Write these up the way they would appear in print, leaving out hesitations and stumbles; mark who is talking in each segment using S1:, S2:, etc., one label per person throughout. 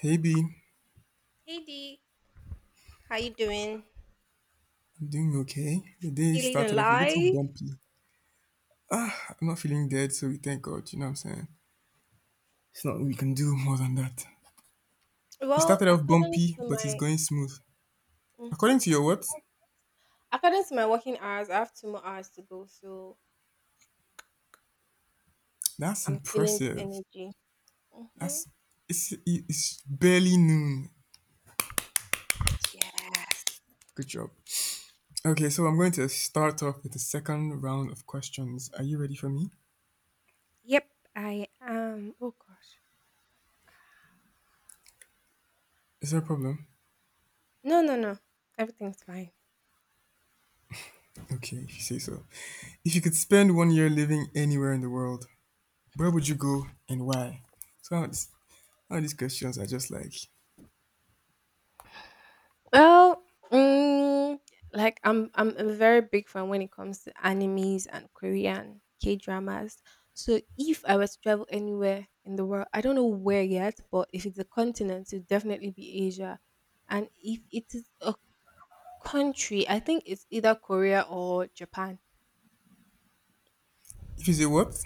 S1: Hey B,
S2: Hey Dee, how you doing?
S1: I'm doing okay. The day
S2: Feeling
S1: started off a little
S2: alive.
S1: bumpy. I'm not feeling dead, so we thank God, you know what I'm saying? It's not we can do more than that. It
S2: Well,
S1: started off
S2: according
S1: bumpy,
S2: to
S1: but it's
S2: my
S1: going smooth.
S2: hmm
S1: According to your what?
S2: according to my working hours, I have two more hours to go, so
S1: That's
S2: I'm feeling the
S1: impressive.
S2: energy. Hmm.
S1: That's it's barely noon.
S2: Yes.
S1: Good job. Okay, so I'm going to start off with the second round of questions. Are you ready for me?
S2: Yep, I am. Oh gosh.
S1: Is there a problem?
S2: No, no, no, everything's fine.
S1: Okay, if you say so. If you could spend 1 year living anywhere in the world, where would you go and why? So all these, some these questions are just like,
S2: Well, mm, like I'm a very big fan when it comes to animes and Korean K dramas. So if I was to travel anywhere in the world, I don't know where yet, but if it's a continent, it would definitely be Asia. And if it is a country, I think it's either Korea or Japan.
S1: if you say what,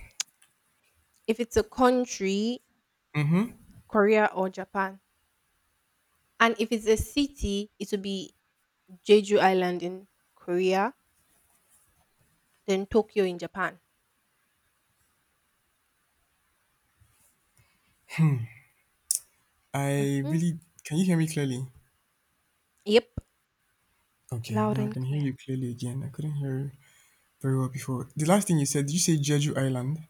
S2: If it's a country, Korea or Japan. And if it's a city, it would be Jeju Island in Korea, then Tokyo in Japan.
S1: I
S2: Hmm.
S1: really can you hear me clearly?
S2: Yep.
S1: Okay,
S2: Loud
S1: now I
S2: and
S1: can hear
S2: clear.
S1: you clearly again. I couldn't hear you very well before. The last thing you said, did you say Jeju Island?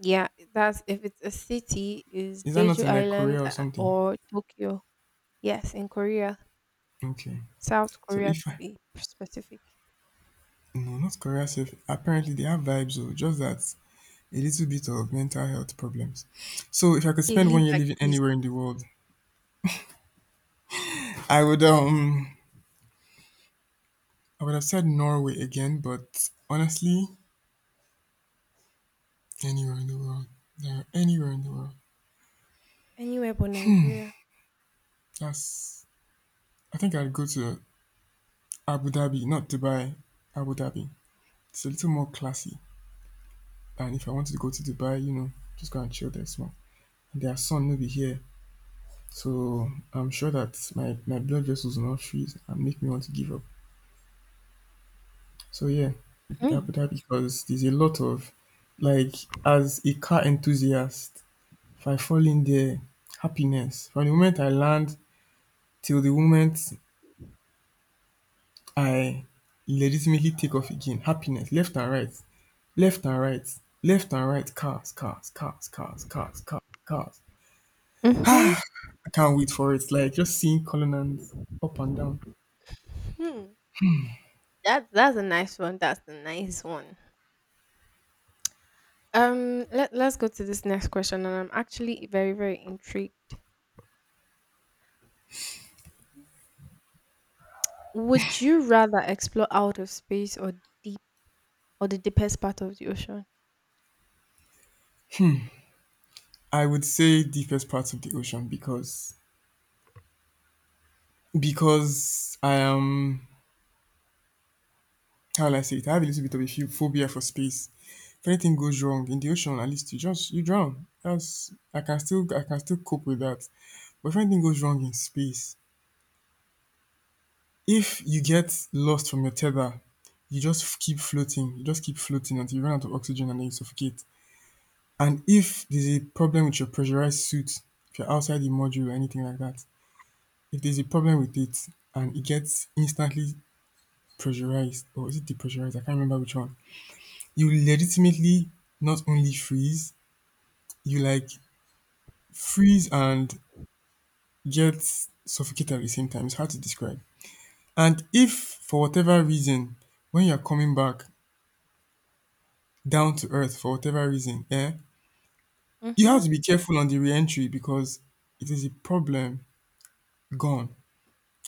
S2: Yeah, that's if it's a city is
S1: Is that not
S2: Jeju
S1: in like
S2: Island
S1: Korea or something?
S2: or Tokyo. Yes, in Korea,
S1: Okay,
S2: South
S1: so
S2: Korea
S1: if
S2: to
S1: I
S2: be specific.
S1: no, not Korea. Safe. Apparently they have vibes, or just that a little bit of mental health problems. So if I could
S2: They
S1: spend
S2: live
S1: 1 year
S2: like
S1: living
S2: prison.
S1: anywhere in the world, I would um I would have said Norway again, but honestly, anywhere in the world. Yeah, anywhere in the world.
S2: Anywhere but Nigeria.
S1: That's. I think I'd go to Abu Dhabi, not Dubai. Abu Dhabi. It's a little more classy. And if I wanted to go to Dubai, you know, just go and chill there small. And their sun will be here. So I'm sure that my blood vessels will not freeze and make me want to give up. So yeah, it'd be
S2: Mm.
S1: Abu Dhabi because there's a lot of, like, as a car enthusiast, if I fall in there, happiness. From the moment I land till the moment I legitimately take off again. Happiness left and right, left and right, left and right. Cars, cars, cars, cars, cars, cars, cars.
S2: Mhm.
S1: I can't wait for it. Like just seeing Cullinan up and down.
S2: Hmm. That's a nice one. That's a nice one. Let's go to this next question, and I'm actually very very intrigued. Would you rather explore outer space or deep or the deepest part of the ocean?
S1: I would say deepest parts of the ocean because I am how will I say it? I have a little bit of a phobia for space. If anything goes wrong in the ocean, at least you just you drown. That's I can still cope with that. But if anything goes wrong in space, if you get lost from your tether you just keep floating until you run out of oxygen, and then you suffocate. And if there's a problem with your pressurized suit, if you're outside the module or anything like that, if there's a problem with it and it gets instantly pressurized, or is it depressurized, I can't remember which one, you legitimately not only freeze, you like freeze and get suffocated at the same time. It's hard to describe. And if for whatever reason when you're coming back down to earth, for whatever reason, eh? You have
S2: Mhm.
S1: to be careful on the re-entry because it is a problem gone.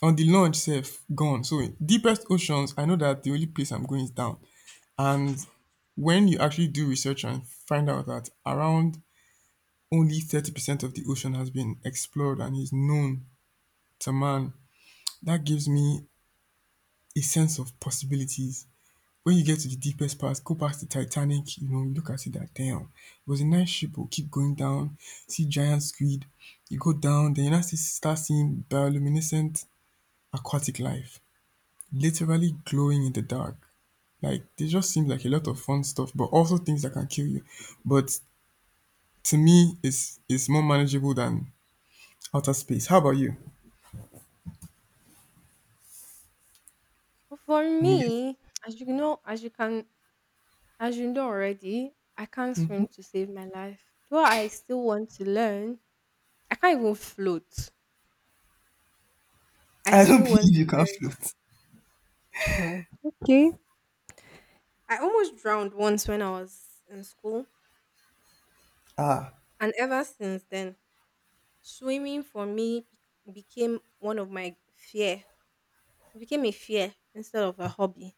S1: On the launch safe gone. So deepest oceans, I know that the only place I'm going is down. And when you actually do research and find out that around only 30% of the ocean has been explored and is known to man, that gives me a sense of possibilities. When you get to the deepest part, go past the Titanic, you know, you look at it that damn, it was a nice ship, but keep going down, see giant squid, you go down, then you now see, start seeing bioluminescent aquatic life, literally glowing in the dark. Like they just seem like a lot of fun stuff, but also things that can kill you. But to me, it's more manageable than outer space. How about you?
S2: For
S1: I'm guessing.
S2: me, as you know, as you can, as you know already, I can't swim to save my life. Though I still want to learn, I can't even float. I
S1: I don't
S2: still want
S1: believe
S2: to
S1: you can
S2: learn.
S1: float.
S2: Okay. I almost drowned once when I was in school, and ever since then, swimming for me became one of my fear. It became a fear instead of a hobby.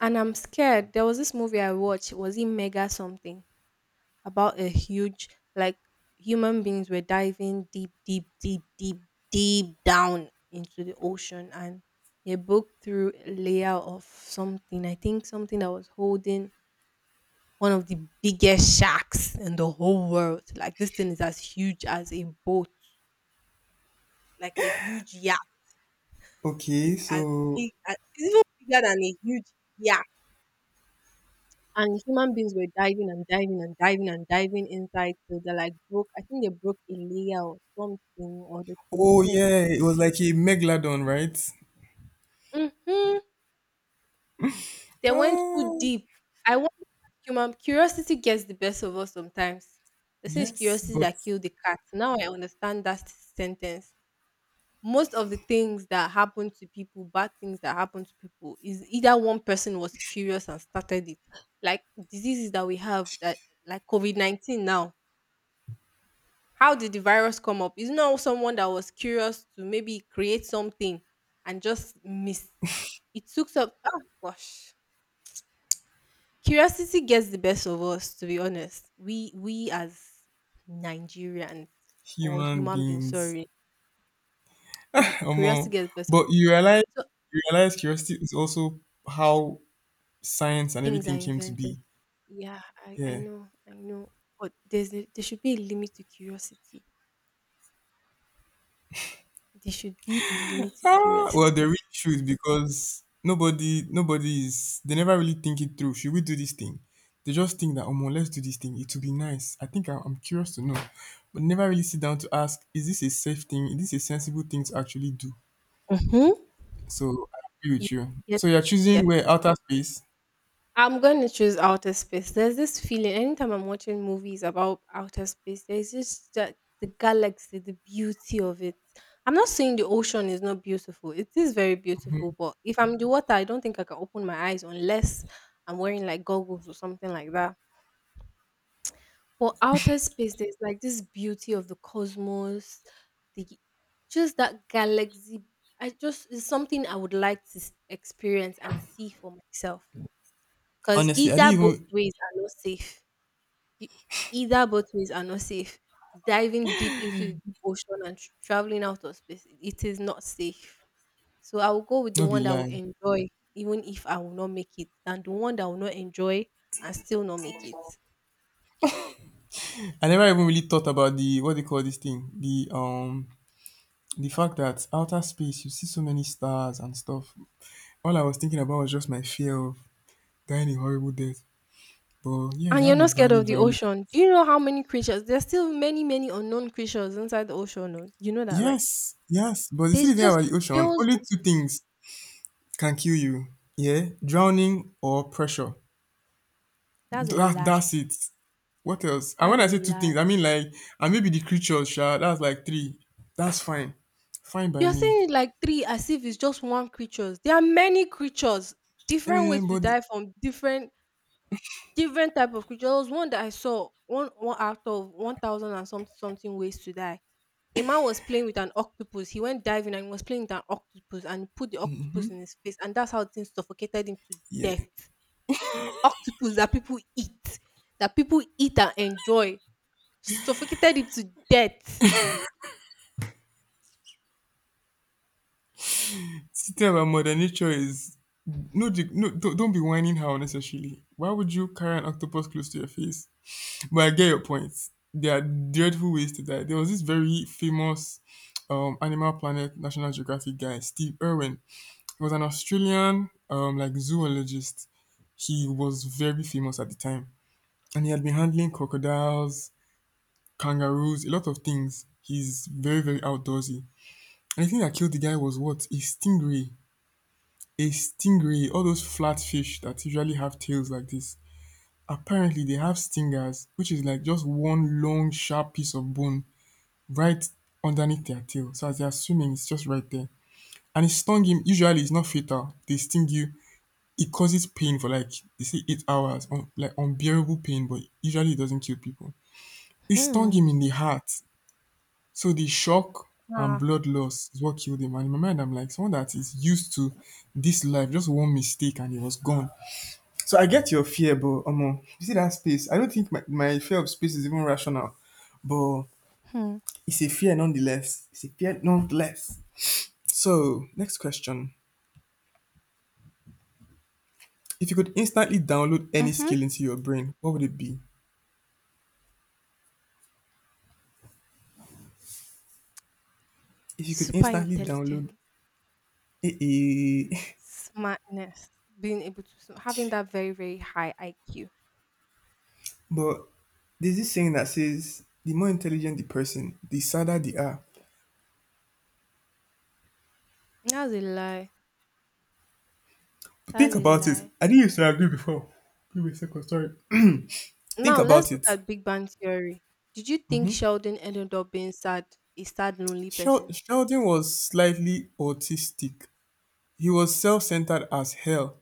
S2: And I'm scared. There was this movie I watched, was it Mega something about a huge like human beings were diving deep, deep, deep, deep, deep down into the ocean, and they broke through a layer of something. I think something that was holding one of the biggest sharks in the whole world. Like this thing is as huge as a boat, like a huge yacht
S1: Okay,
S2: is as
S1: so
S2: big as it's even bigger than a huge yak. And human beings were diving and diving and diving and diving inside till they like broke. I think they broke a layer or something, or they
S1: oh
S2: polluted it.
S1: yeah, it was like a megalodon, right?
S2: Mhm. They went too
S1: Oh
S2: deep. I wonder if human curiosity gets the best of us sometimes. They say it's
S1: yes,
S2: curiosity
S1: but
S2: that killed the cat. Now I understand that sentence. Most of the things that happen to people, bad things that happen to people, is either one person was curious and started it. Like diseases that we have that like COVID 19 now. How did the virus come up? Is not someone that was curious to maybe create something and just miss. It took up. Oh gosh. Curiosity gets the best of us, to be honest. We as Nigerians or
S1: human
S2: human beings,
S1: beings.
S2: sorry, we curiosity
S1: Omo,
S2: gets the best of.
S1: but you realize
S2: So
S1: you realize curiosity is also how science and
S2: things are
S1: everything came to
S2: invented.
S1: be.
S2: Yeah, I
S1: Yeah.
S2: know, I know. But there should be a limit to curiosity. There should be a limit to
S1: Ah, well, the
S2: curiosity.
S1: real truth because nobody is. They never really think it through. Should we do this thing? They just think that, omo, let's do this thing. It will be nice. I think I'm curious to know, but never really sit down to ask, is this a safe thing? Is this a sensible thing to actually do?
S2: Hmm.
S1: So I agree
S2: You
S1: with you.
S2: get
S1: So you're
S2: it, you get
S1: choosing
S2: it.
S1: where outer space.
S2: I'm gonna choose outer space. There's this feeling anytime I'm watching movies about outer space, there's just that the galaxy, the beauty of it. I'm not saying the ocean is not beautiful. It is very beautiful, but if I'm in the water, I don't think I can open my eyes unless I'm wearing like goggles or something like that. But outer space, there's like this beauty of the cosmos, the just that galaxy. I just it's something I would like to experience and see for myself. Because
S1: Honestly, I didn't
S2: either both
S1: even
S2: ways are not safe. E- Either both ways are not safe. Diving deep into the deep ocean and traveling out of space, it is not safe. So I will go with the
S1: no be
S2: one that will
S1: lie.
S2: enjoy, even if I will not make it, than the one that will not enjoy and still not make it.
S1: I never even really thought about the what they call this thing. The fact that outer space you see so many stars and stuff. All I was thinking about was just my fear of dying a horrible death. But yeah, you
S2: And you're
S1: have a
S2: not scared
S1: valid
S2: of the
S1: value.
S2: ocean. Do you know how many creatures? There's still many, many unknown creatures inside the ocean. Oh. You know that, right?
S1: Yes, yes. But you see
S2: There's
S1: the thing
S2: just
S1: about the
S2: there
S1: ocean,
S2: was
S1: only
S2: no-
S1: two things can kill you. Yeah, drowning or pressure.
S2: That's a
S1: That
S2: lie.
S1: that's it. What else? And
S2: That's
S1: when
S2: a
S1: I say two
S2: lie.
S1: things, I mean like and maybe the creatures, sha, that's like three. That's fine. Fine by
S2: You're
S1: me.
S2: saying it like three as if it's just one creatures. There are many creatures, different
S1: Eh,
S2: ways to
S1: but
S2: die from different different type of creatures. There was one that I saw one out of 1,000 and something something ways to die. A man was playing with an octopus. He went diving and was playing with an octopus and put the octopus in his face, and that's how things suffocated him to
S1: yeah.
S2: death. Octopus that people eat and enjoy, suffocated him to death.
S1: Thinking about Mother Nature is no, no, don't be whining her unnecessarily. Why would you carry an octopus close to your face? But I get your point. There are dreadful ways to die. There was this very famous Animal Planet National Geographic guy, Steve Irwin. He was an Australian like zoologist. He was very famous at the time, and he had been handling crocodiles, kangaroos, a lot of things. He's very very outdoorsy. And the thing that killed the guy was what a stingray, all those flat fish that usually have tails like this, apparently they have stingers, which is like just one long, sharp piece of bone right underneath their tail. So as they are swimming, it's just right there. And it stung him. Usually, it's not fatal. They sting you. It causes pain for like they say 8 hours, like unbearable pain, but usually it doesn't kill people. It stung
S2: Hmm.
S1: him in the heart. So the shock and
S2: Ah.
S1: blood loss is what killed him. And in my mind, I'm like, someone that is used to this life, just one mistake and he was gone. So I get your fear, but you see that space. I don't think my fear of space is even rational, but
S2: Hmm.
S1: it's a fear nonetheless. It's a fear nonetheless. So next question: if you could instantly download any
S2: Mhm.
S1: skill into your brain, what would it be? If you could
S2: Super
S1: instantly download,
S2: intelligence,
S1: eh, eh.
S2: smartness, being able to sn having that very, very high IQ.
S1: But there's this saying that says the more intelligent the person, the sadder they are.
S2: That's a lie.
S1: But
S2: That's
S1: think
S2: a
S1: about it.
S2: lie.
S1: I didn't used to agree before. Give me a second. Sorry. Think
S2: Now let's
S1: about
S2: look
S1: it.
S2: at Big Bang Theory. Did you think Sheldon ended up being sad, a sad, lonely person?
S1: Sheldon was slightly autistic. He was self-centered as hell.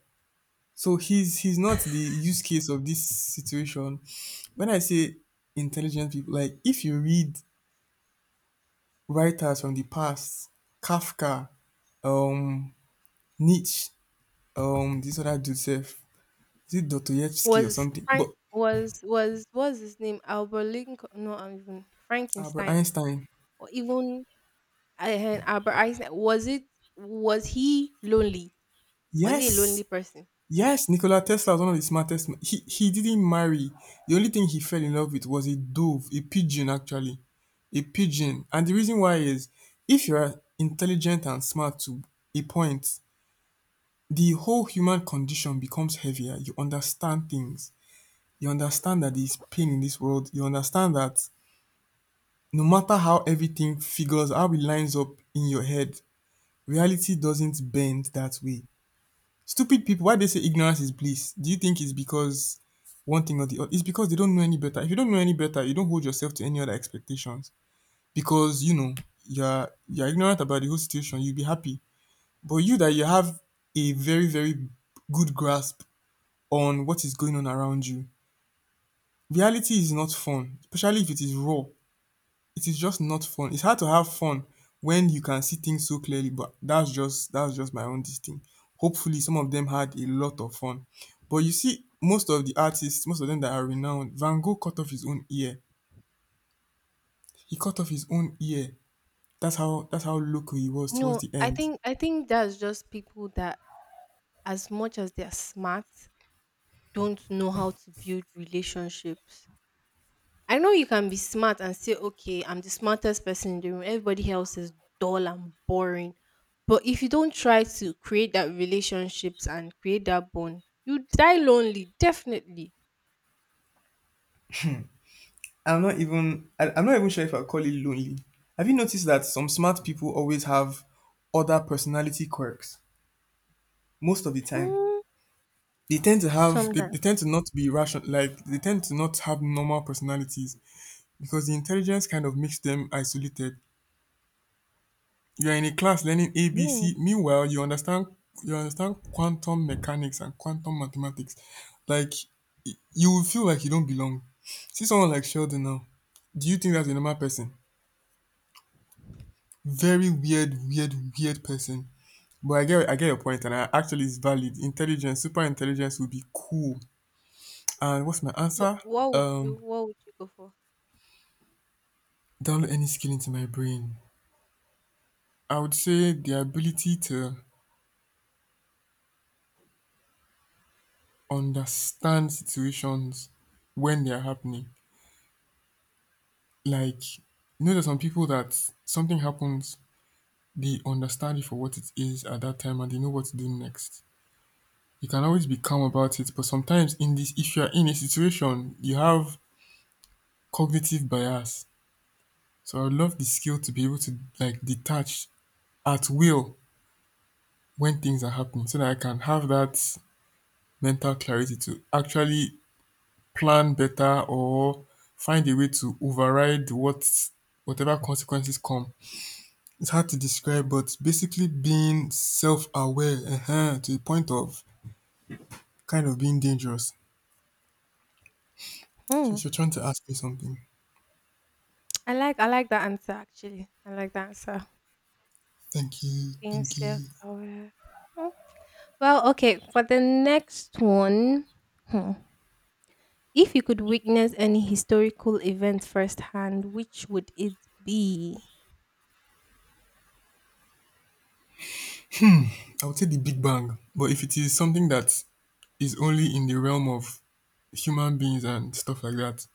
S1: So he's not the use case of this situation. When I say intelligent people, like if you read writers from the past, Kafka, um, Nietzsche, this other dude, sef, is it Dostoevsky or
S2: Was
S1: something?
S2: Frank
S1: But
S2: was his name? Albert Lincoln no, I'm even
S1: Albert
S2: Frankenstein
S1: Einstein,
S2: or even And had Albert Einstein. Was he lonely? Was he a
S1: yes,
S2: lonely person?
S1: yes, Nikola Tesla was one of the smartest. He didn't marry. The only thing he fell in love with was a dove, a pigeon actually, a pigeon. And the reason why is, if you are intelligent and smart to a point, the whole human condition becomes heavier. You understand things. You understand that there is pain in this world. You understand that no matter how everything figures, how it lines up in your head, reality doesn't bend that way. Stupid people, why they say ignorance is bliss? Do you think it's because one thing or the other? It's because they don't know any better. If you don't know any better, you don't hold yourself to any other expectations. Because, you know, you're ignorant about the whole situation, you'll be happy. But you that you have a very, very good grasp on what is going on around you, reality is not fun, especially if it is raw. It is just not fun. It's hard to have fun when you can see things so clearly, but that's just my own this thing. Hopefully some of them had a lot of fun. But you see, most of the artists, most of them that are renowned, Van Gogh cut off his own ear. He cut off his own ear. That's how loco he was towards
S2: No,
S1: the end.
S2: I think that's just people that as much as they're smart, don't know how to build relationships. I know you can be smart and say, okay, I'm the smartest person in the room. Everybody else is dull and boring. But if you don't try to create that relationships and create that bond, you die lonely, definitely.
S1: I'm not even I, I'm not even sure if I'll call it lonely. Have you noticed that some smart people always have other personality quirks most of the time?
S2: Mm,
S1: they tend to have they,
S2: sometimes.
S1: they tend to not be rational, like they tend to not have normal personalities because the intelligence kind of makes them isolated. You're in a class learning
S2: Mm.
S1: abc, meanwhile you understand quantum mechanics and quantum mathematics. like you will feel like you don't belong. See someone like Sheldon now, do you think that's a normal person? Very weird, weird person. But I get your point, and I actually it's valid. Intelligence, super intelligence would be cool. And what's my answer? Um,
S2: What would you go for?
S1: Download any skill into my brain. I would say the ability to understand situations when they're happening. Like, there's some people that something happens, they understand it for what it is at that time and they know what to do next. You can always be calm about it, but sometimes in this, if you're in a situation, you have cognitive bias. So I would love the skill to be able to like detach at will when things are happening so that I can have that mental clarity to actually plan better or find a way to override whatever consequences come. It's hard to describe, but basically being self-aware to the point of kind of being dangerous. So
S2: Hmm,
S1: if you're trying to ask me something,
S2: I like that answer actually. I like that answer.
S1: thank you,
S2: Being
S1: thank
S2: self
S1: you.
S2: aware. Well, okay, for the next one, hmm, if you could witness any historical event firsthand, which would it be?
S1: I would say the Big Bang, but if it is something that is only in the realm of human beings and stuff like that,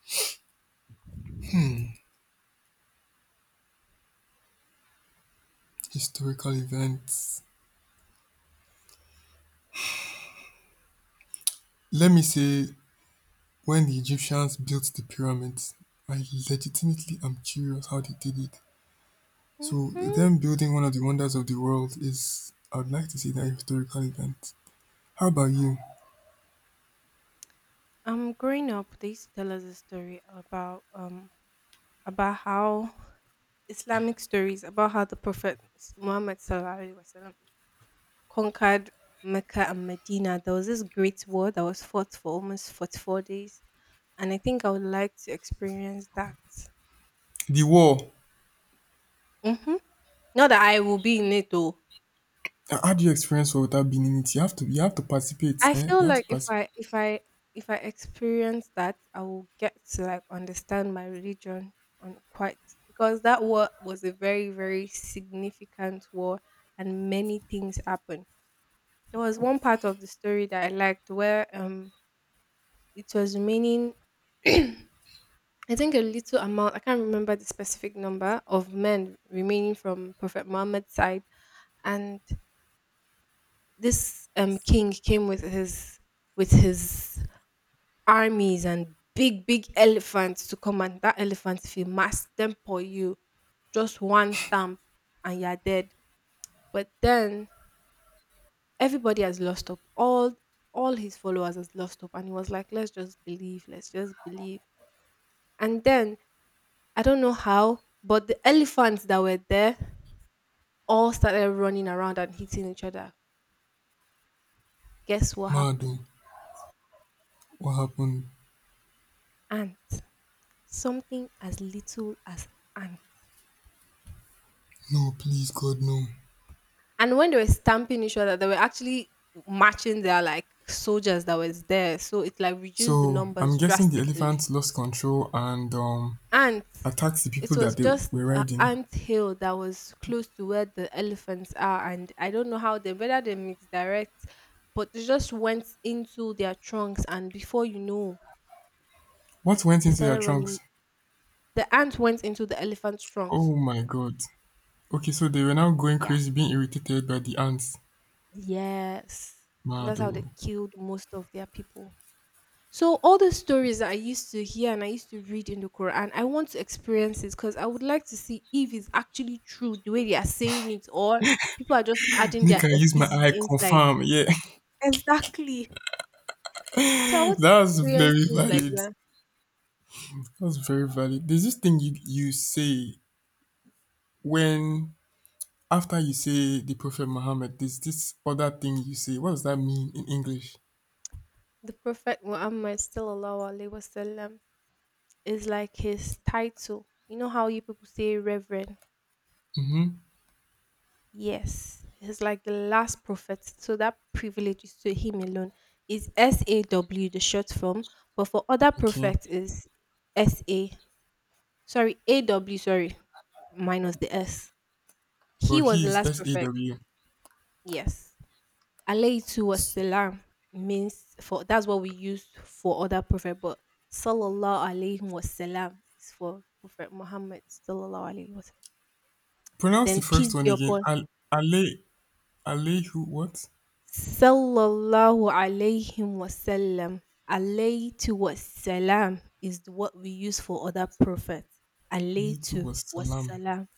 S1: historical events. Let me say, when the Egyptians built the pyramids, I legitimately am curious how they did it. So
S2: Mm-hmm.
S1: them building one of the wonders of the world is, I would like to say that a historical event. How about you?
S2: Growing up, they used to tell us a story about how Islamic stories about how the Prophet Muhammad conquered Mecca and Medina. There was this great war that was fought for almost 44 days. And I think I would like to experience that.
S1: The war.
S2: Hmm. Not that I will be in it though.
S1: How do you experience war without being in it? You have to participate.
S2: I
S1: Eh?
S2: feel
S1: You have
S2: like
S1: to participate.
S2: if I experience that, I will get to like understand my religion on quite because that war was a very very significant war, and many things happened. There was one part of the story that I liked where it was raining. I think a little amount, I can't remember the specific number of men remaining from Prophet Muhammad's side. And this king came with his armies and big, big elephants to come, and that elephant if you mass them for you, just one stamp and you're dead. But then everybody has lost up. All his followers has lost up and he was like, let's just believe, let's just believe. And then I don't know how, but the elephants that were there all started running around and hitting each other. Guess what
S1: Mado,
S2: happened?
S1: what happened?
S2: Ants. Something as little as ants.
S1: No, please, God, no.
S2: And when they were stamping each other, they were actually matching their like soldiers that was there. So it like reduced the
S1: So I'm
S2: numbers
S1: guessing the
S2: drastically.
S1: elephants lost control and
S2: Ants.
S1: attacked the people
S2: It was
S1: that they
S2: just
S1: were
S2: an
S1: riding.
S2: ant hill that was close to where the elephants are, and I don't know how they whether they misdirect, but they just went into their trunks, and before you know,
S1: What went
S2: they
S1: into their
S2: started running.
S1: trunks?
S2: The ant went into the elephant's trunks.
S1: Oh my God. Okay, so they were now going
S2: Yeah.
S1: crazy, being irritated by the ants.
S2: Yes. And
S1: Mad.
S2: that's how
S1: Oh.
S2: they killed most of their people. So all the stories that I used to hear and I used to read in the Quran, I want to experience it because I would like to see if it's actually true the way they are saying it, or people are just adding their
S1: Nick, I use my
S2: effigy
S1: eye,
S2: inside.
S1: confirm. Yeah,
S2: Exactly. So I want to
S1: that's
S2: experience
S1: very
S2: things like
S1: valid.
S2: that.
S1: That's very valid. There's this thing you say when, after you say the Prophet Muhammad, there's this other thing you say. What does that mean in English?
S2: The Prophet Muhammad sallallahu alaihi wasallam is like his title. You know how you people say reverend.
S1: Mm-hmm.
S2: Yes, he's like the last prophet, so that privilege is to him alone. Is SAW the short form? But for other
S1: Okay.
S2: prophets is S A. Sorry, A W. Sorry, minus the S. He
S1: But
S2: was the
S1: he's
S2: last
S1: S A
S2: prophet.
S1: W.
S2: Yes, alayhi was
S1: S-
S2: salam means for that's what we use for other prophet, but sallallahu alayhi was salam is for Prophet Muhammad sallallahu alayhi was.
S1: Pronounce the
S2: Then peace
S1: first
S2: be
S1: one again.
S2: upon
S1: Al. Ale. Alehu what?
S2: Sallallahu alayhi wasallam. Alayhi to wasalam is what we use for other prophets. Alayhi to
S1: Alaytu was salam.
S2: wasalam.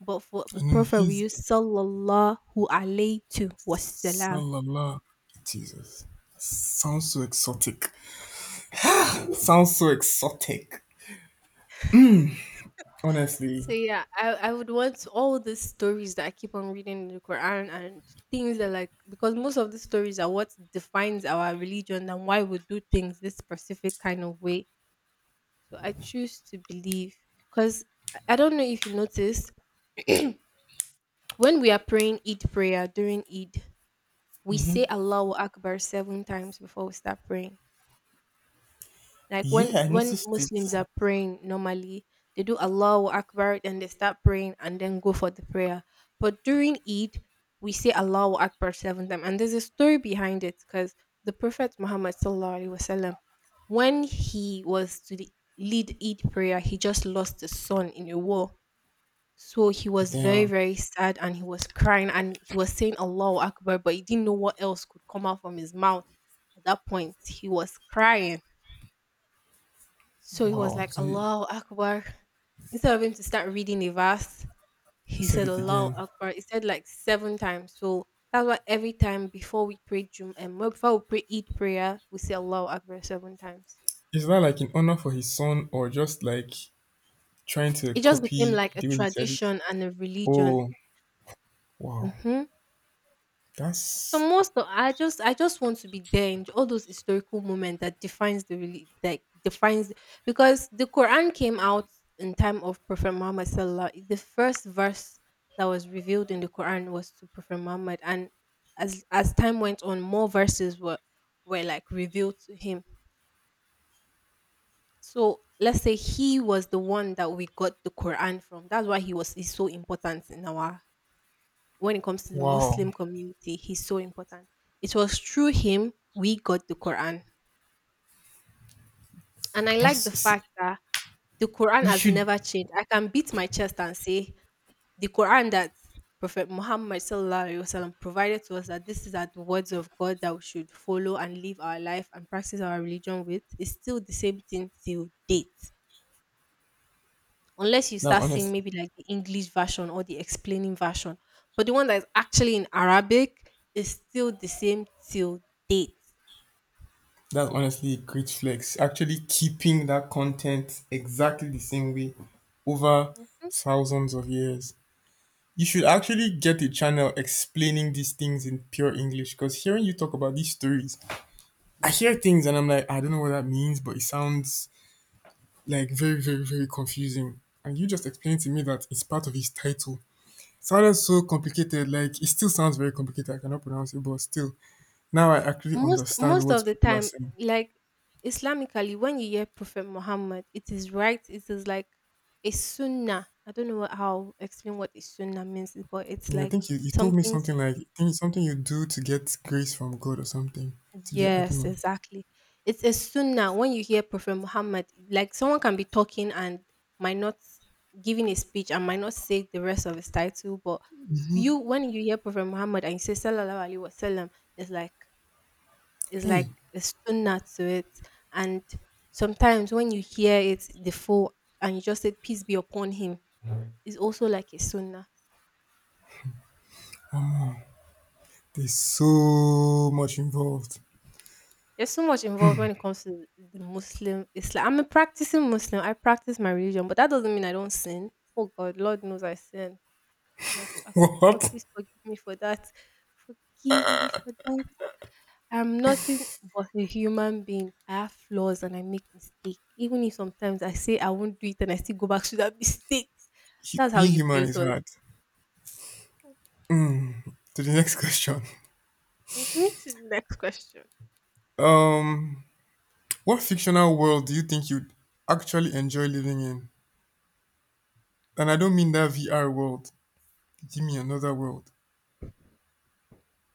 S2: But for the
S1: And then
S2: prophet, we
S1: his
S2: use sallallahu alayhi to wasalam.
S1: Salala. Jesus. Sounds so exotic. Sounds so exotic. Honestly.
S2: So yeah, I would want all these stories that I keep on reading in the Quran and things that like because most of the stories are what defines our religion and why we do things this specific kind of way. So I choose to believe because I don't know if you noticed. When we are praying Eid prayer during Eid, we say Allahu Akbar 7 times before we start praying. Like
S1: Yeah,
S2: when
S1: I
S2: when
S1: noticed it.
S2: Muslims are praying normally, they do Allahu Akbar and they start praying and then go for the prayer. But during Eid, we say Allahu Akbar seven times. And there's a story behind it because the Prophet Muhammad sallallahu alaihi wasallam, when he was to the- lead Eid prayer, he just lost his son in a war. So he was very,
S1: Damn.
S2: very sad and he was crying and he was saying Allahu Akbar, but he didn't know what else could come out from his mouth at that point. He was crying, so he was
S1: Wow.
S2: like,
S1: So
S2: Allahu Akbar. Instead of him to start reading the verse,
S1: he
S2: he
S1: said
S2: said
S1: it
S2: Allahu
S1: again.
S2: Akbar. He said like seven times. So that's why every time before we pray Jum and before we pray Eid prayer, we say Allahu Akbar seven times.
S1: Is that like in honor for his son or just like trying to
S2: It just became
S1: copy
S2: like a
S1: the way he said it?
S2: tradition and a religion.
S1: Oh, wow.
S2: hmm So
S1: That's
S2: most of, I just want to be there in all those historical moments that defines the really like defines, because the Quran came out in time of Prophet Muhammad Sallallahu. The first verse that was revealed in the Quran was to Prophet Muhammad, and as time went on, more verses were like revealed to him. So let's say he was the one that we got the Quran from. That's why he was is so important in our, when it comes to the
S1: wow.
S2: Muslim community, he's so important. It was through him we got the Quran. And I like the
S1: That's see,
S2: fact that the Quran
S1: you
S2: has
S1: should.
S2: never changed. I can beat my chest and say the Quran that Prophet Muhammad sallallahu alaihi wasallam provided to us, that this is at the words of God that we should follow and live our life and practice our religion with, is still the same thing till date. Unless you
S1: That's
S2: start seeing
S1: honest.
S2: maybe like the English version or the explaining version. But the one that is actually in Arabic is still the same till date.
S1: That's honestly a great flex. Actually, keeping that content exactly the same way over
S2: Mhm.
S1: thousands of years. You should actually get a channel explaining these things in pure English, because hearing you talk about these stories, I hear things and I'm like, I don't know what that means, but it sounds like very, very confusing. And you just explained to me that it's part of his title. Sounded so complicated, like it still sounds very complicated. I cannot pronounce it, but still, now I actually
S2: Most
S1: understand
S2: most of
S1: what
S2: the
S1: people are
S2: time,
S1: saying.
S2: like Islamically, when you hear Prophet Muhammad, it is right. It is like a sunnah. I don't know what- how explain what a sunnah means, but it's
S1: Yeah, I
S2: like
S1: think you told me
S2: something.
S1: something like, I think it's something you do to get grace from God or something. To get I don't
S2: Yes,
S1: know.
S2: exactly. It's a sunnah when you hear Prophet Muhammad, like someone can be talking and might not giving a speech and might not say the rest of his title, but you, when you hear Prophet Muhammad and you say Sallallahu Alaihi Wasallam, it's like it's like
S1: Hey,
S2: a sunnah to it. And sometimes when you hear it the full and you just say peace be upon him, it's also like a sunnah.
S1: there's so much involved.
S2: There's so much involved when it comes to the Muslim Islam. I'm a practicing Muslim. I practice my religion, but that doesn't mean I don't sin. Oh God, Lord knows I sin. And God,
S1: What?
S2: please forgive me for that. Forgive me for that. I'm nothing but a human being. I have flaws and I make mistakes. Even if sometimes I say I won't do it and I still go back to that mistake. That's how
S1: Being
S2: you
S1: human
S2: build
S1: is
S2: us.
S1: hard. To the next question.
S2: To the next question.
S1: Um, what fictional world do you think you'd actually enjoy living in? And I don't mean that VR world. Give me another world.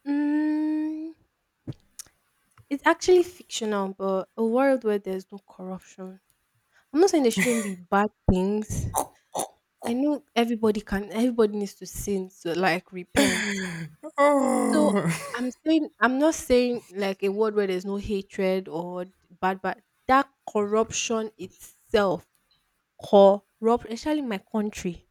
S2: Mm, it's actually fictional, but a world where there's no corruption. I'm not saying there shouldn't be bad things. I know everybody needs to sin to like repent. So
S1: Oh,
S2: I'm not saying like a world where there's no hatred or bad, but that corruption itself corrupt, especially in my country.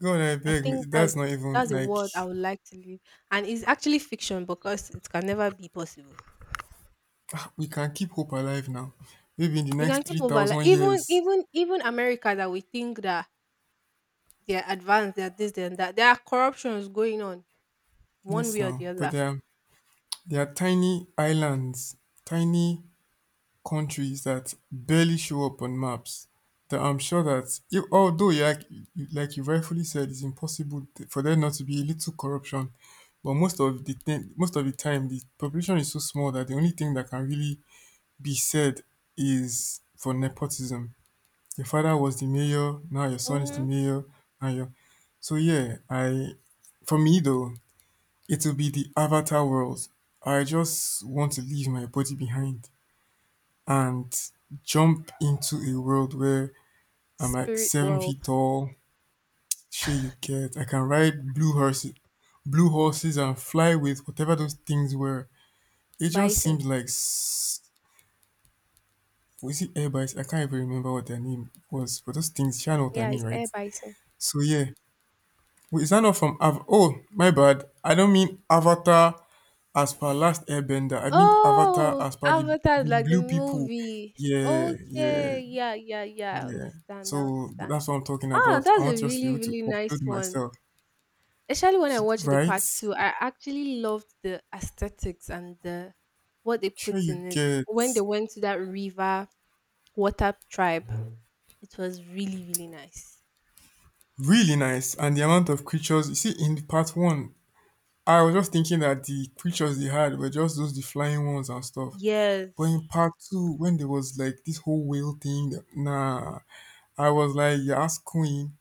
S1: God, I
S2: I think
S1: beg.
S2: that's
S1: That's not even
S2: that's a
S1: like
S2: world I would like to live. And it's actually fiction because it can never be possible.
S1: we can keep hope alive now. Maybe in the
S2: We can
S1: next
S2: keep
S1: three
S2: over like
S1: thousand
S2: even
S1: years.
S2: even even America that we think that they're advanced, they're this, they're that. There are corruptions going on one
S1: Yes,
S2: way or
S1: now,
S2: the
S1: but
S2: other.
S1: they are tiny islands, tiny countries that barely show up on maps. That I'm sure that, if, although you like like you rightfully said, it's impossible for there not to be a little corruption. But most of the thing, most of the time, the population is so small that the only thing that can really be said is for nepotism. Your father was the mayor, now your son is the
S2: Mm,
S1: mayor, and your so yeah, I for me though, it'll be the Avatar world. I just want to leave my body behind and jump into a world where I'm like
S2: spirit
S1: 7 feet
S2: world.
S1: tall. Shit, you get. I can ride blue horses, and fly with whatever those things were. It just
S2: Bison.
S1: seems like was it Airbus? I can't even remember what their name was, but those things. You know what I
S2: Yeah, it's
S1: mean,
S2: air
S1: right?
S2: bison.
S1: So yeah, wait, is that not from Av? Oh, my bad. I don't mean Avatar as per Last Airbender. I mean Avatar
S2: Oh,
S1: as per
S2: Avatar is
S1: the
S2: like the
S1: blue people.
S2: movie.
S1: Yeah, yeah,
S2: Okay, yeah, yeah, yeah. I
S1: yeah.
S2: understand. I
S1: So
S2: understand.
S1: that's what I'm talking
S2: Ah,
S1: about. I
S2: that's a
S1: want to just to be
S2: really,
S1: able to
S2: really
S1: upload
S2: nice one.
S1: myself.
S2: Especially when I watched the
S1: Right?
S2: part two, I actually loved the aesthetics and the what they
S1: Sure,
S2: put
S1: you
S2: in it.
S1: get
S2: When they went to that river water tribe, it was really, really nice.
S1: really nice. And the amount of creatures you see in part one, I was just thinking that the creatures they had were just those the flying ones and stuff. But
S2: Yes.
S1: in part two, when there was like this whole whale thing, nah, I was like, you're ass queen.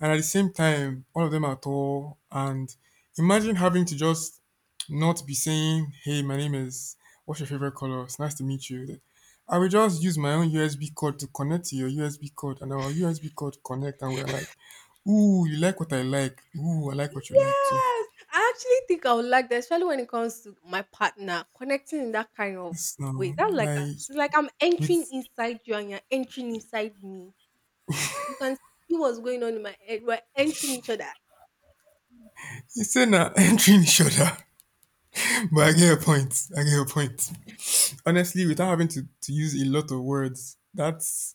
S1: And at the same time, all of them are tall. And imagine having to just not be saying, hey, my name is, what's your favorite color? It's nice to meet you. I will just use my own USB cord to connect to your USB cord. And our USB cord connect. And we're like, ooh, you like what I like. Ooh, I like what you like too.
S2: Yes, I actually think I would like that, especially when it comes to my partner connecting in that kind of
S1: It's
S2: way.
S1: no,
S2: That's like a,
S1: like,
S2: it's like I'm entering
S1: with,
S2: inside you and you're entering inside me. You can see what's going on in my head. We're entering each other.
S1: it's an entry in shoulder. But I get your point. I get your point honestly, without having to use a lot of words, that's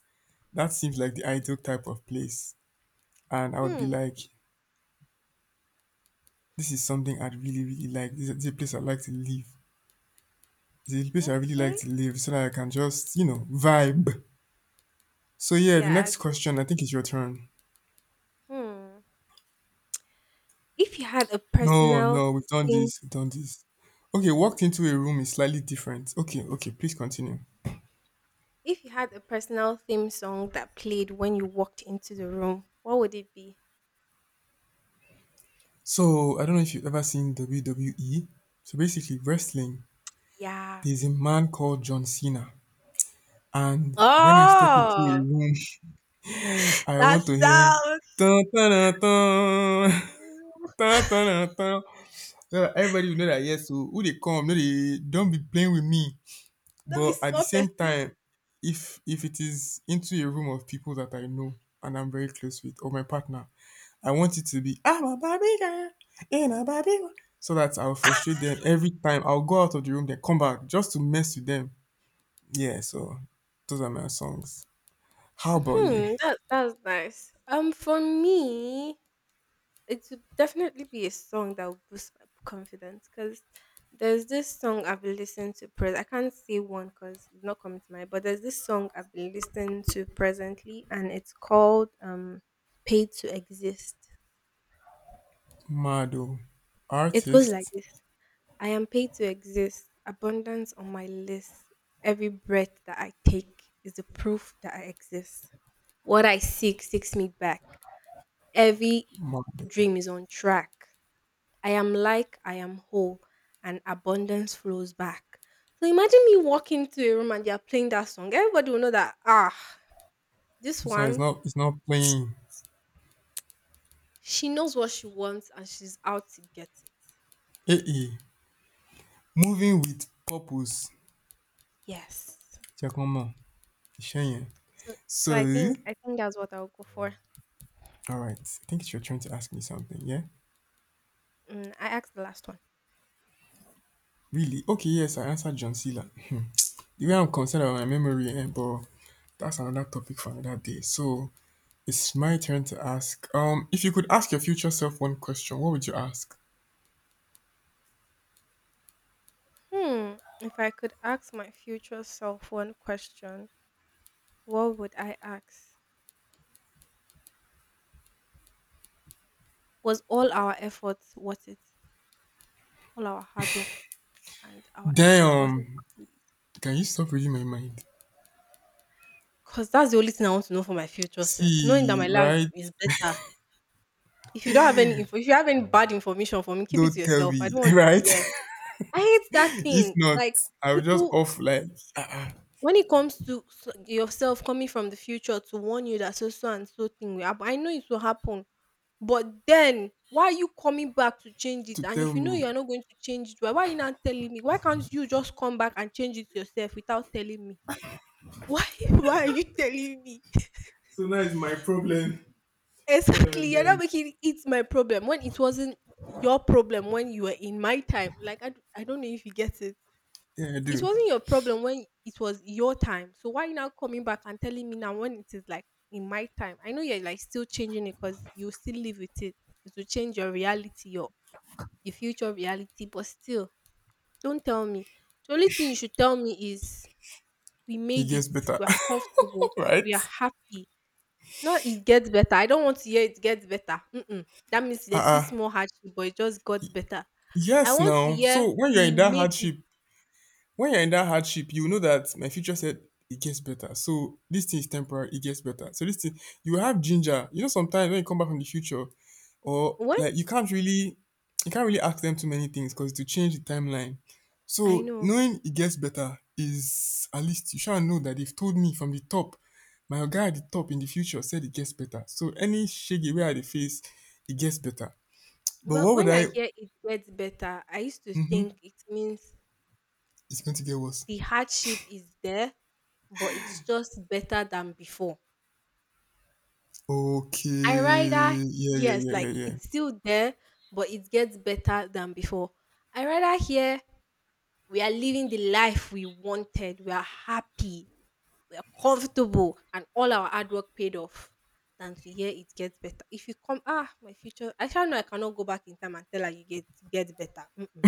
S1: that seems like the ideal type of place. And I would be
S2: Hmm.
S1: like, this is something I'd really, really like. This is a place I'd like to live. This is a place I really like
S2: Okay.
S1: to live so that I can just, you know, vibe. So yeah, the
S2: Yeah.
S1: next question, I think it's your turn.
S2: Hmm. If you had a
S1: No,
S2: personal
S1: no, we've done
S2: theme,
S1: this. We've done this. Okay, walked into a room is slightly different. Okay, okay, please continue.
S2: If you had a personal theme song that played when you walked into the room, what would it be?
S1: So I don't know if you've ever seen WWE. So basically, wrestling,
S2: Yeah.
S1: there's a man called John Cena. And when I step into a
S2: Oh,
S1: room, I
S2: that
S1: want to hear
S2: sounds.
S1: dun, dun, dun, dun, dun, dun, dun, dun. So that everybody will know that yes, so who they come, no, they don't be playing with me.
S2: Let me
S1: But at the
S2: small
S1: same
S2: person.
S1: time, if it is into a room of people that I know and I'm very close with, or my partner, I want it to be "I'm a Barbie girl in a Barbie wo-". So that I'll frustrate them every time. I'll go out of the room, then come back just to mess with them. Yeah, so those are my songs. How about you?
S2: Hmm, that, that's nice. For me, it would definitely be a song that would boost my confidence because there's this song I've been listening to pres. I can't say one because it's not coming to mind, but there's this song I've been listening to presently, and it's called "Paid to Exist."
S1: Mado.
S2: It goes like
S1: Artist.
S2: this: I am paid to exist. Abundance on my list. Every breath that I take is the proof that I exist. What I seek seeks me back. Every
S1: Man,
S2: dream is on track. I am whole and abundance flows back. So imagine me walking into a room and they are playing that song. Everybody will know that, ah, this
S1: this one is
S2: one,
S1: not it's not playing.
S2: she knows what she wants and she's out to get it.
S1: Eh eh. Moving with purpose.
S2: Yes.
S1: Check on man. Ishenye.
S2: So
S1: So
S2: so I think that's what I'll go for.
S1: alright. I think you're trying to ask me something, yeah?
S2: Mm, I asked the last one.
S1: Really? Okay, yes, I answered John Cena. Hmm. The way I'm concerned about my memory, eh, but that's another topic for another day. So it's my turn to ask. If you could ask your future self one question, what would you ask?
S2: Hmm. If I could ask my future self one question, what would I ask? Was all our effort worth it? All our hard work and our effort wasn't
S1: Damn,
S2: worth it.
S1: can you stop reading my mind?
S2: Because that's the only thing I want to know for my future self. Knowing that
S1: See,
S2: my life
S1: right?
S2: is better. If you don't have any info, if you have any bad information for me, keep it to
S1: Don't tell
S2: yourself. I
S1: me,
S2: don't want to
S1: right?
S2: hear. I hate that
S1: If
S2: thing.
S1: not,
S2: Like
S1: I will just
S2: people,
S1: off like uh
S2: when it comes to yourself coming from the future to warn you that so so and so thing will happen. I know it will happen, but then why are you coming back to change it?
S1: to
S2: And
S1: tell
S2: if you know you
S1: me.
S2: are not going to change it, why are you not telling me? Why can't you just come back and change it yourself without telling me? Why why are you telling me?
S1: So now it's my problem. God I
S2: Exactly. You're not
S1: beg.
S2: making it my problem when it wasn't your problem when you were in my time. Like I don't know if you get it.
S1: Yeah, I
S2: It
S1: do.
S2: wasn't your problem when it was your time. So why you now coming back and telling me now when it is like in my time? I know you're like still changing it because you still live with it. It will change your reality, your the future reality, but still, don't tell me. The only thing you should tell me is we
S1: He
S2: made it,
S1: gets better.
S2: we are comfortable, we
S1: right?
S2: are happy. Not it gets better. I don't want to hear it gets better. Mm-mm. That means
S1: Uh
S2: there's still
S1: uh
S2: small hardship, but it just got better. I
S1: yes
S2: want to
S1: now.
S2: hear
S1: So when you're
S2: we
S1: in that
S2: made it.
S1: hardship, when you're in that hardship, you know that my future said it gets better. So this thing is temporary, it gets better. So this thing, you have ginger. You know, sometimes when you come back from the future, or
S2: When
S1: like you can't really ask them too many things because to change the timeline.
S2: I
S1: So
S2: know,
S1: knowing it gets better is at least you shall know that they've told me from the top. My guy at the top in the future said it gets better. So any shaggy way at the face, it gets better. But
S2: well,
S1: what would
S2: when I
S1: I?
S2: hear it gets better, I used to think
S1: Mm-hmm,
S2: it means
S1: it's going to get worse.
S2: the hardship is there, but it's just better than before. I rather,
S1: Okay. Yeah, yeah,
S2: yes,
S1: yeah, yeah,
S2: like
S1: yeah.
S2: it's still there, but it gets better than before. I rather hear we are living the life we wanted. We are happy, we are comfortable and all our hard work paid off, than to hear it gets better. If you come, ah, my future, I shall know I cannot go back in time and tell her you get better. Mm-mm.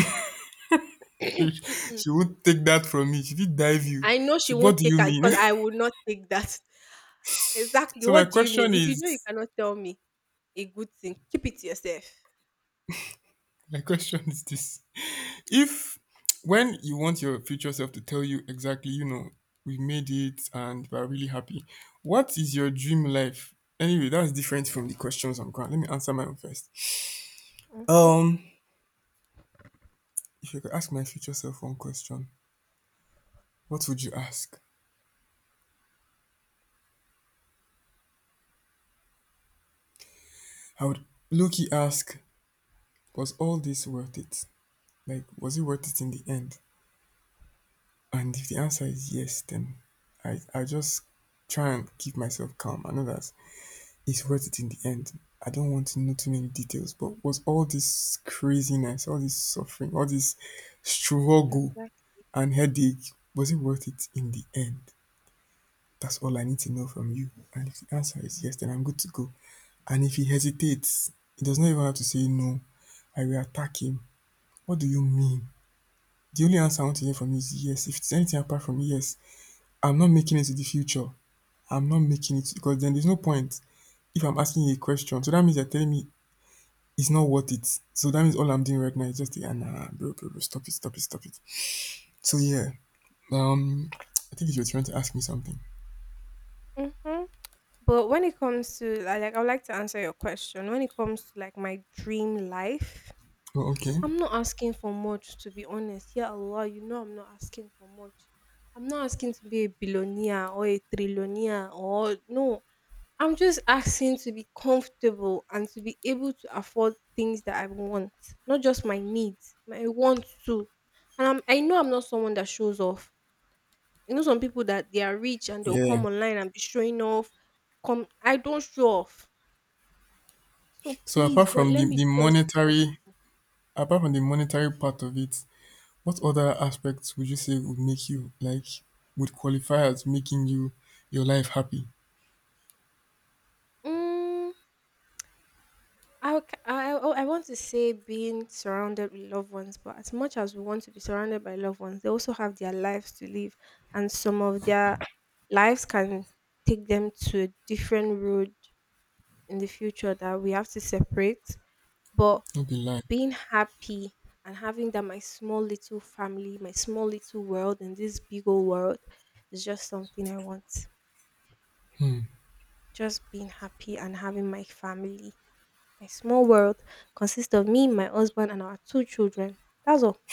S2: Mm-mm.
S1: She won't take that from me. She did dive you.
S2: I know she
S1: See, what
S2: won't
S1: do
S2: take
S1: you
S2: it
S1: mean?
S2: because I will not take that. Exactly.
S1: So my
S2: What do you mean?
S1: question
S2: If you know you
S1: is,
S2: cannot tell me a good thing, keep it to yourself.
S1: my question is this: if when you want your future self to tell you exactly, you know, we made it and we're really happy. What is your dream life? Anyway, that's different from the questions I'm going. Let me answer mine first.
S2: Okay.
S1: Um, if you could ask my future self one question, what would you ask? I would low-key ask, was all this worth it? Like, was it worth it in the end? And if the answer is yes, then I just try and keep myself calm. I know that it's worth it in the end. I don't want to know too many details, but was all this craziness, all this suffering, all this struggle
S2: Exactly.
S1: and headache, was it worth it in the end? That's all I need to know from you. And if the answer is yes, then I'm good to go. And if he hesitates, he does not even have to say no. I will attack him. What do you mean? The only answer I want to hear from you is yes. If it's anything apart from yes, I'm not making it to the future. I'm not making it because then there's no point if I'm asking you a question. So that means you're telling me it's not worth it. So that means all I'm doing right now is just the nah, bro, bro, bro, stop it, stop it, stop it. So yeah, um, I think you were trying to ask me something.
S2: Mm-hmm. But when it comes to like, I would like to answer your question. When it comes to like my dream life,
S1: Oh, okay.
S2: I'm not asking for much to be honest. Yeah, Allah, you know I'm not asking for much. I'm not asking to be a billionaire or a trillionaire or no. I'm just asking to be comfortable and to be able to afford things that I want, not just my needs, my wants too. I know I'm not someone that shows off. You know, some people that they are rich and they'll come
S1: Yeah.
S2: online and be showing off. Come, I don't show off. So
S1: So
S2: please,
S1: apart
S2: God,
S1: from
S2: let
S1: the,
S2: me
S1: the
S2: just be
S1: monetary,
S2: comfortable.
S1: apart from the monetary part of it, what other aspects would you say would make you like would qualify as making you your life happy?
S2: Mm, I, c- I oh, I want to say being surrounded with loved ones, but as much as we want to be surrounded by loved ones, they also have their lives to live, and some of their lives can take them to a different road in the future that we have to separate. But
S1: Not be lie.
S2: being happy and having that my small little family, my small little world in this big old world is just something I want.
S1: Hmm.
S2: Just being happy and having my family. My small world consists of me, my husband, and our two children. That's all.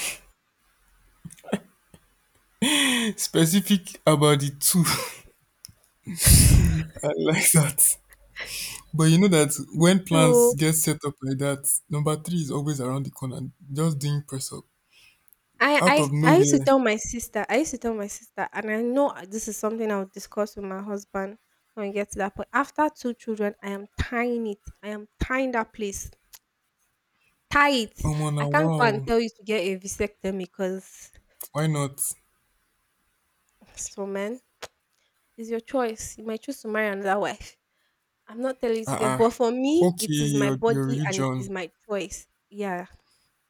S1: Specific about the two. I like that. But you know that when plans
S2: So
S1: get set up like that, number three is always around the corner, just doing press up.
S2: I,
S1: Out
S2: I
S1: of
S2: I used to
S1: nowhere,
S2: tell my sister, and I know this is something I'll discuss with my husband when we get to that point. After two children, I am tying it. I am tying that place. Tie it.
S1: oh
S2: I
S1: now
S2: can't go and
S1: wow,
S2: tell you to get a vasectomy because
S1: why not?
S2: so man, it's your choice. You might choose to marry another wife. I'm not telling you to get,
S1: Uh-uh.
S2: but for me,
S1: Okay,
S2: it is my
S1: you're
S2: body and it is
S1: religion.
S2: my choice. Yeah.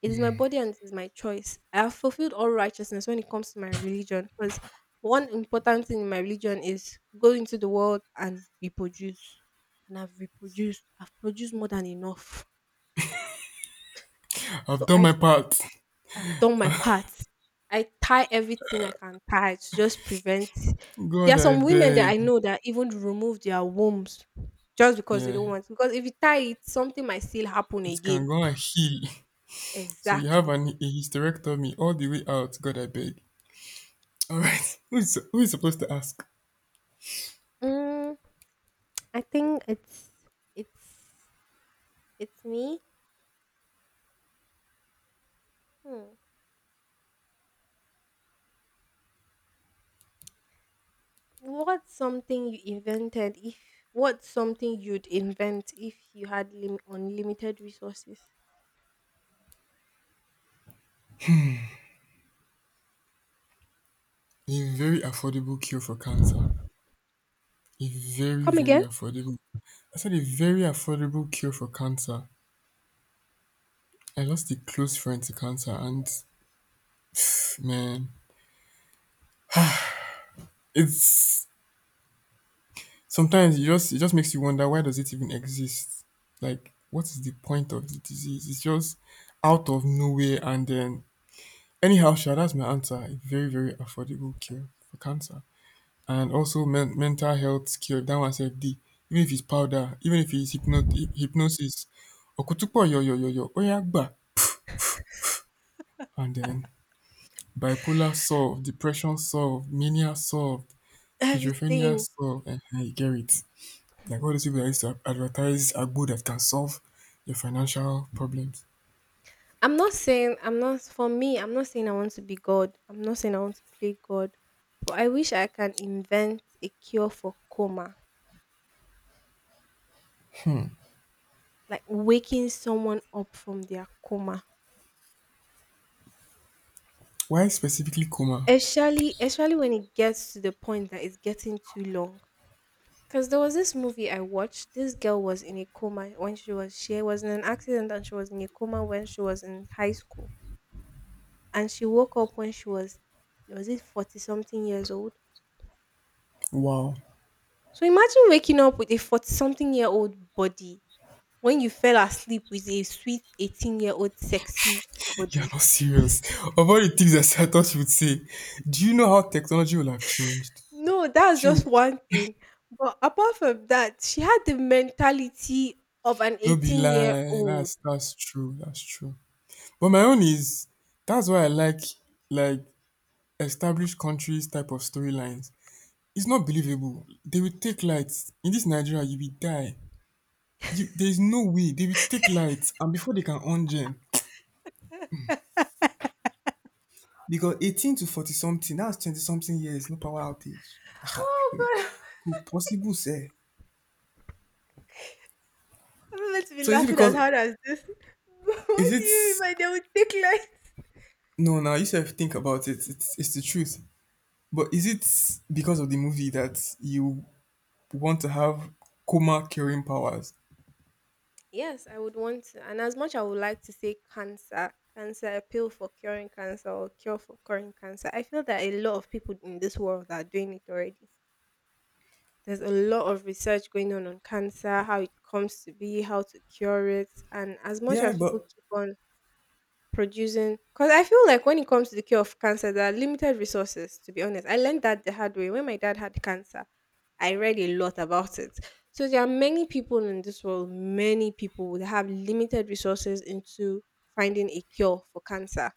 S2: It is my body and it is my choice. I have fulfilled all righteousness when it comes to my religion because one important thing in my religion is go into the world and reproduce. And I've reproduced, I've produced more than enough.
S1: I've
S2: So
S1: done
S2: I
S1: my part.
S2: have done my part. I tie everything I can tie to just prevent. There are
S1: God, I
S2: some women that
S1: beg.
S2: I know that even remove their wombs just because they
S1: Yeah,
S2: don't want. Because if you tie it, something might still happen
S1: it can
S2: again.
S1: go and heal. So you have
S2: Exactly.
S1: a hysterectomy all the way out. God, I beg. All right. Who is supposed to ask?
S2: Mm, I think it's it's me. Hmm. What's something you invented if what's something you'd invent if you had unlimited resources?
S1: A very affordable cure for cancer.
S2: Come
S1: A very, very
S2: again?
S1: affordable I said a very affordable cure for cancer. I lost a close friend to cancer and man, it's sometimes it just makes you wonder, why does it even exist? Like what is the point of the disease? It's just out of nowhere and then anyhow, sure, that's my answer. A very, very affordable cure for cancer. And also mental health cure, that one said D. Even if it's powder, even if it's hypnosis, okutupo yo yo yo yo, oyagba. And then bipolar solved, depression solved, mania solved, schizophrenia
S2: Everything.
S1: solved, and you get it like all those people that used to advertise agbo that can solve your financial problems.
S2: I'm not saying I want to be God. I'm not saying I want to play God. But I wish I can invent a cure for coma. Like waking someone up from their coma.
S1: Why specifically coma?
S2: Especially when it gets to the point that it's getting too long. Because there was this movie I watched. This girl was in a coma when she was in an accident and she was in a coma when she was in high school. And she woke up when she was it 40 something years old.
S1: Wow.
S2: So imagine waking up with a 40 something year old body when you fell asleep with a sweet 18 year old sexy
S1: You're
S2: body.
S1: not serious. Of all the things that I thought you would say, do you know how technology will have changed?
S2: No, that's just
S1: Shoo,
S2: one thing. But apart from that, she had the mentality of an
S1: no be
S2: 18 year
S1: lie.
S2: old.
S1: That's true. That's true. But my own is that's why I like established countries type of storylines. It's not believable. They will take lights. In this Nigeria, you will die. You, there is no way. They will take lights and before they can on gen. Because 18 to 40 something, that's 20 something years, no power outage.
S2: Oh,
S1: Could possible say.
S2: I'm let to be
S1: So is it
S2: laughing as
S1: because
S2: hard as this. But what
S1: is
S2: do
S1: it
S2: you mean by they would take light?
S1: no now you should think about it. It's the truth. But is it because of the movie that you want to have coma curing powers?
S2: Yes, I would want to. And as much I would like to say cancer, cancer, a pill for curing cancer or cure for curing cancer, I feel that a lot of people in this world are doing it already. There's a lot of research going on cancer, how it comes to be, how to cure it. And as much
S1: Yeah,
S2: as people
S1: but
S2: keep on producing because I feel like when it comes to the cure of cancer, there are limited resources, to be honest. I learned that the hard way. When my dad had cancer, I read a lot about it. So there are many people in this world, many people would have limited resources into finding a cure for cancer.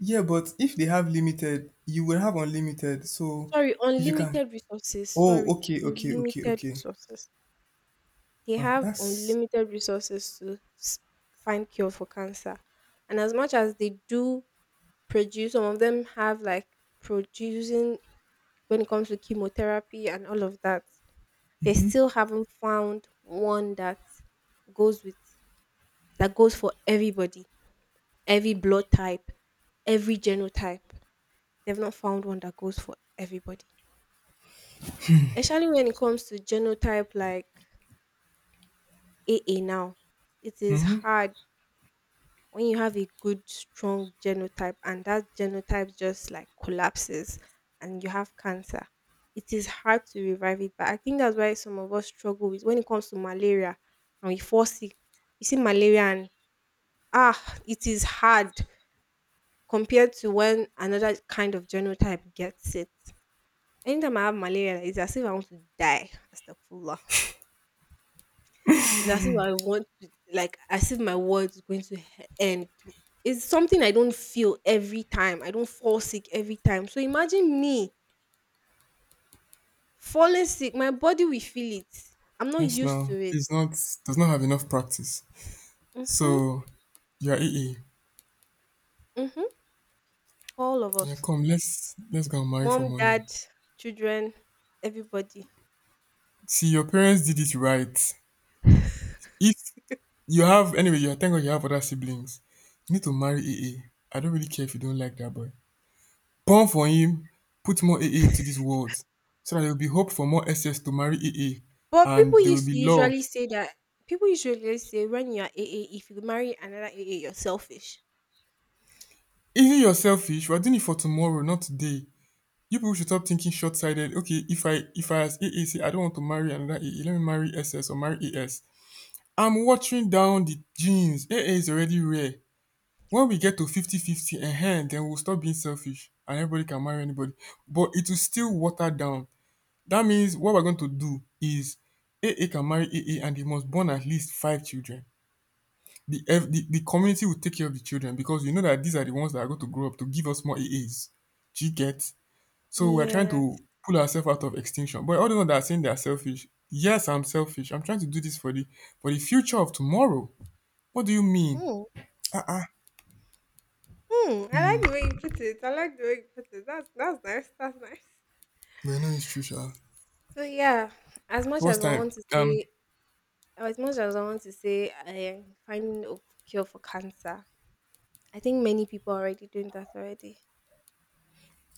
S1: yeah, but if they have limited, you will have unlimited. So
S2: Sorry,
S1: if you can,
S2: unlimited resources.
S1: oh,
S2: Sorry,
S1: okay, okay, okay,
S2: unlimited
S1: okay.
S2: resources. They
S1: Ah,
S2: have
S1: that's
S2: unlimited resources to find cure for cancer. And as much as they do produce, some of them have like producing when it comes to chemotherapy and all of that, they still haven't found one that goes with that goes for everybody, every blood type, every genotype. They've not found one that goes for everybody. Especially when it comes to genotype like AA now, it is hard when you have a good strong genotype and that genotype just like collapses and you have cancer. It is hard to revive it, but I think that's why some of us struggle with when it comes to malaria and we fall sick. You see malaria and ah, it is hard compared to when another kind of genotype gets it. Anytime I have malaria it's as if I want to die, Astaghfirullah. It's as if I want to, like, as if my world is going to end. It's something I don't feel every time. I don't fall sick every time. So imagine me falling sick. My body will feel it. I'm not
S1: yes.
S2: used
S1: Now
S2: to it.
S1: it's not, does not have enough practice.
S2: Mm-hmm.
S1: So you're AA.
S2: Mm-hmm. All of
S1: Yeah,
S2: us.
S1: come. Let's go and marry
S2: Mom,
S1: for money.
S2: dad, children, everybody.
S1: See, your parents did it right. If you have, anyway, you thank God you have other siblings. You need to marry AA. I don't really care if you don't like that boy. Born for him, put more AA into this world, so that there will be hope for more SS to marry AA,
S2: But
S1: and there will be love.
S2: people usually say when you are a if you marry another a you're selfish.
S1: Even you're selfish. We're doing it for tomorrow, not today. You people should stop thinking short-sighted. Okay, if I as AA say I don't want to marry another AA, let me marry SS or marry AS. I'm watering down the genes. AA is already rare. When we get to fifty-fifty 50 and hand, then we'll stop being selfish and everybody can marry anybody. But it will still water down. That means what we're going to do is AA can marry AA and they must born at least five children. The, ev- the community will take care of the children because you know that these are the ones that are going to grow up to give us more AAs. Do you get? So we're trying
S2: Yes.
S1: to pull ourselves out of extinction. But all the ones that are saying they are selfish, yes, I'm selfish. I'm trying to do this for the future of tomorrow. What do you mean?
S2: Hmm.
S1: Uh.
S2: Hmm. I like the way you put it. I like the way you put it. That's nice. That's nice.
S1: Well, no, it's true, sha.
S2: So yeah, as much
S1: So what's
S2: as I
S1: time?
S2: want to say As much as I want to say I am finding a cure for cancer, I think many people are already doing that already.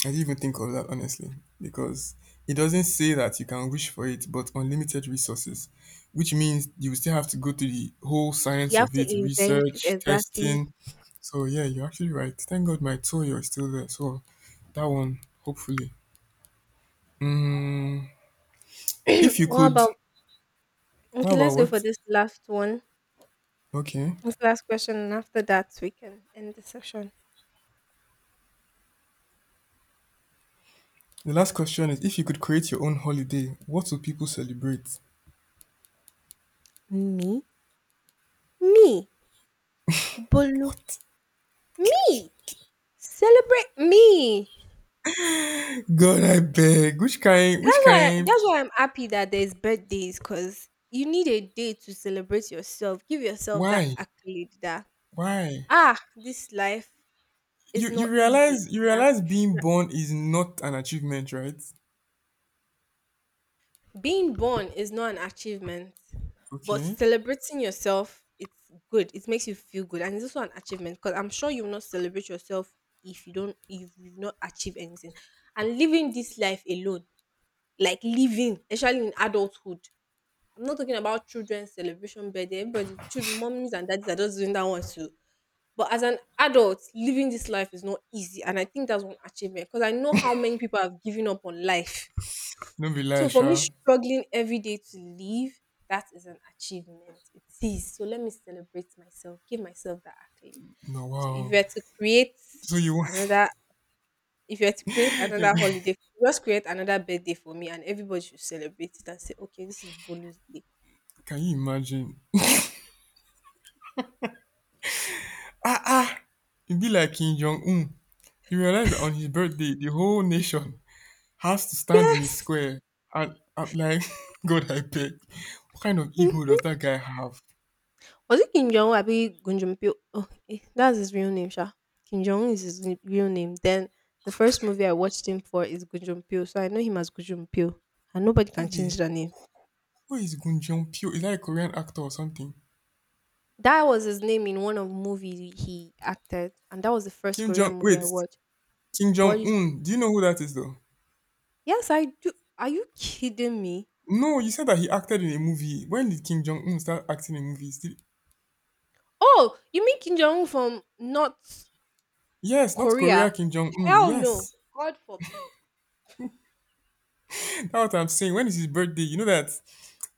S1: I didn't even think of that honestly, because it doesn't say that you can wish for it, but unlimited resources, which means you still have to go through the whole
S2: You
S1: science
S2: have
S1: of
S2: to
S1: it,
S2: invent
S1: research,
S2: exactly.
S1: testing. So yeah, you're actually right. Thank God my toy is still there. So that one, hopefully. Mm, if you
S2: What
S1: could,
S2: about okay?
S1: wow, wow,
S2: Let's go for
S1: what?
S2: this last one,
S1: Okay.
S2: this last question, and after that we can end the session.
S1: The last question is, if you could create your own holiday, what would people celebrate?
S2: Me, me, Bolu,
S1: What?
S2: me. Celebrate me.
S1: God, I beg. Which kind? Which
S2: That's why.
S1: kind?
S2: That's why I'm happy that there's birthdays, cause you need a day to celebrate yourself. Give yourself that
S1: Why?
S2: accolade. That
S1: Why?
S2: ah, this life, it's
S1: You you
S2: not easy.
S1: realize you
S2: And I've,
S1: realize being
S2: yeah,
S1: born is not an achievement, right?
S2: being born is not an achievement, but
S1: Okay.
S2: celebrating yourself, it's good. It makes you feel good, and it's also an achievement because I'm sure you will not celebrate yourself if you've not achieved anything. And living this life alone, like living, especially in adulthood. I'm not talking about children's celebration birthday. Everybody, children, mommies and daddies are just doing that one too. But as an adult, living this life is not easy, and I think that's one achievement because I know how many people have given up on life.
S1: Don't be
S2: So
S1: lie,
S2: for me,
S1: sha.
S2: struggling every day to live, that is an achievement. It is. So let me celebrate myself, give myself that accolade.
S1: No,
S2: So if you
S1: wow.
S2: were to create
S1: So you want?
S2: another, if you were to create
S1: You,
S2: another holiday, just create another birthday for me, and everybody should celebrate it and say, okay, this is Bolu's day.
S1: can you imagine? Ah ah. It'd be like Kim Jong Un. You realize that on his birthday, the whole nation has to stand in a
S2: Yes.
S1: square. And I'm like, God, I beg. What kind of
S2: Was
S1: ego does that guy have?
S2: it Kim Jong Un? Abi Gunjumpio? Oh, eh, that's his real name, Sha. Kim Jong Un is his real name. Then the first movie I watched him for is Gunjumpio, so I know him as Gunjumpio, and nobody
S1: Who
S2: can change
S1: the,
S2: that name.
S1: who is Gun Jong Pyo? Is that a Korean actor or something?
S2: That was his name in one of movies he acted, and that was the first
S1: Kim
S2: Korean
S1: Jong
S2: movie I
S1: wait,
S2: watched.
S1: Kim Jong
S2: Boys,
S1: Un. Do you know who that is though?
S2: yes, I do. Are you kidding me?
S1: No, you said that he acted in a movie. When did Kim Jong Un start acting in movies? Did,
S2: Oh, you mean Kim Jong Un from North
S1: yes, not Korea
S2: Korea?
S1: Kim Jong Un.
S2: Hell no,
S1: Yes,
S2: God forbid.
S1: that's what I'm saying. When is his birthday? You know that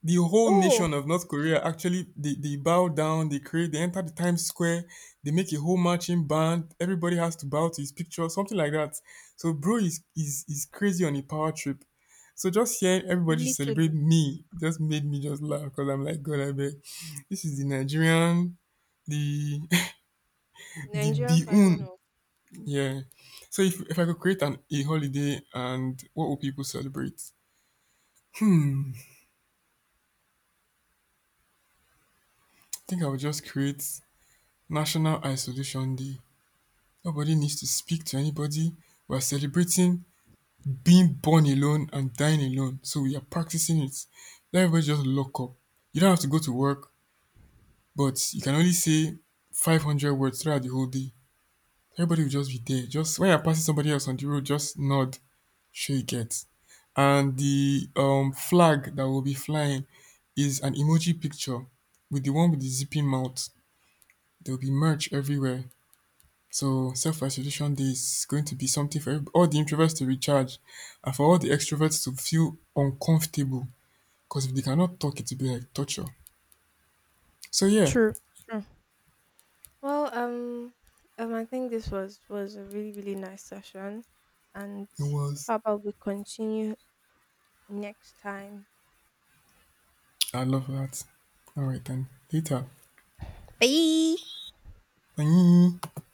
S1: the whole
S2: Oh,
S1: nation of North Korea actually they bow down, they create, they enter the Times Square, they make a whole marching band. Everybody has to bow to his picture, something like that. So bro is is crazy on a power trip. So just hearing everybody celebrate
S2: literally
S1: me just made me just laugh because I'm like, God, I bet this is the Nigerian, the the
S2: Nigerian version
S1: Biun.
S2: of
S1: Yeah. So if I could create an a holiday and what would people celebrate? I think I would just create National Isolation Day. Nobody needs to speak to anybody. We're celebrating being born alone and dying alone. So we are practicing it. Let everybody just lock up. You don't have to go to work, but you can only say 500 words throughout the whole day. Everybody will just be there. Just when you're passing somebody else on the road, just nod, sure you get. And the flag that will be flying is an emoji picture with the one with the zipping mouth. There will be merch everywhere. So self isolation day is going to be something for all the introverts to recharge and for all the extroverts to feel uncomfortable because if they cannot talk, it will be like torture. So yeah,
S2: true, true. Well, I think this was a really really nice session, and
S1: it was.
S2: how about we continue next time?
S1: I love that. All right, then. Later.
S2: Bye.
S1: Bye.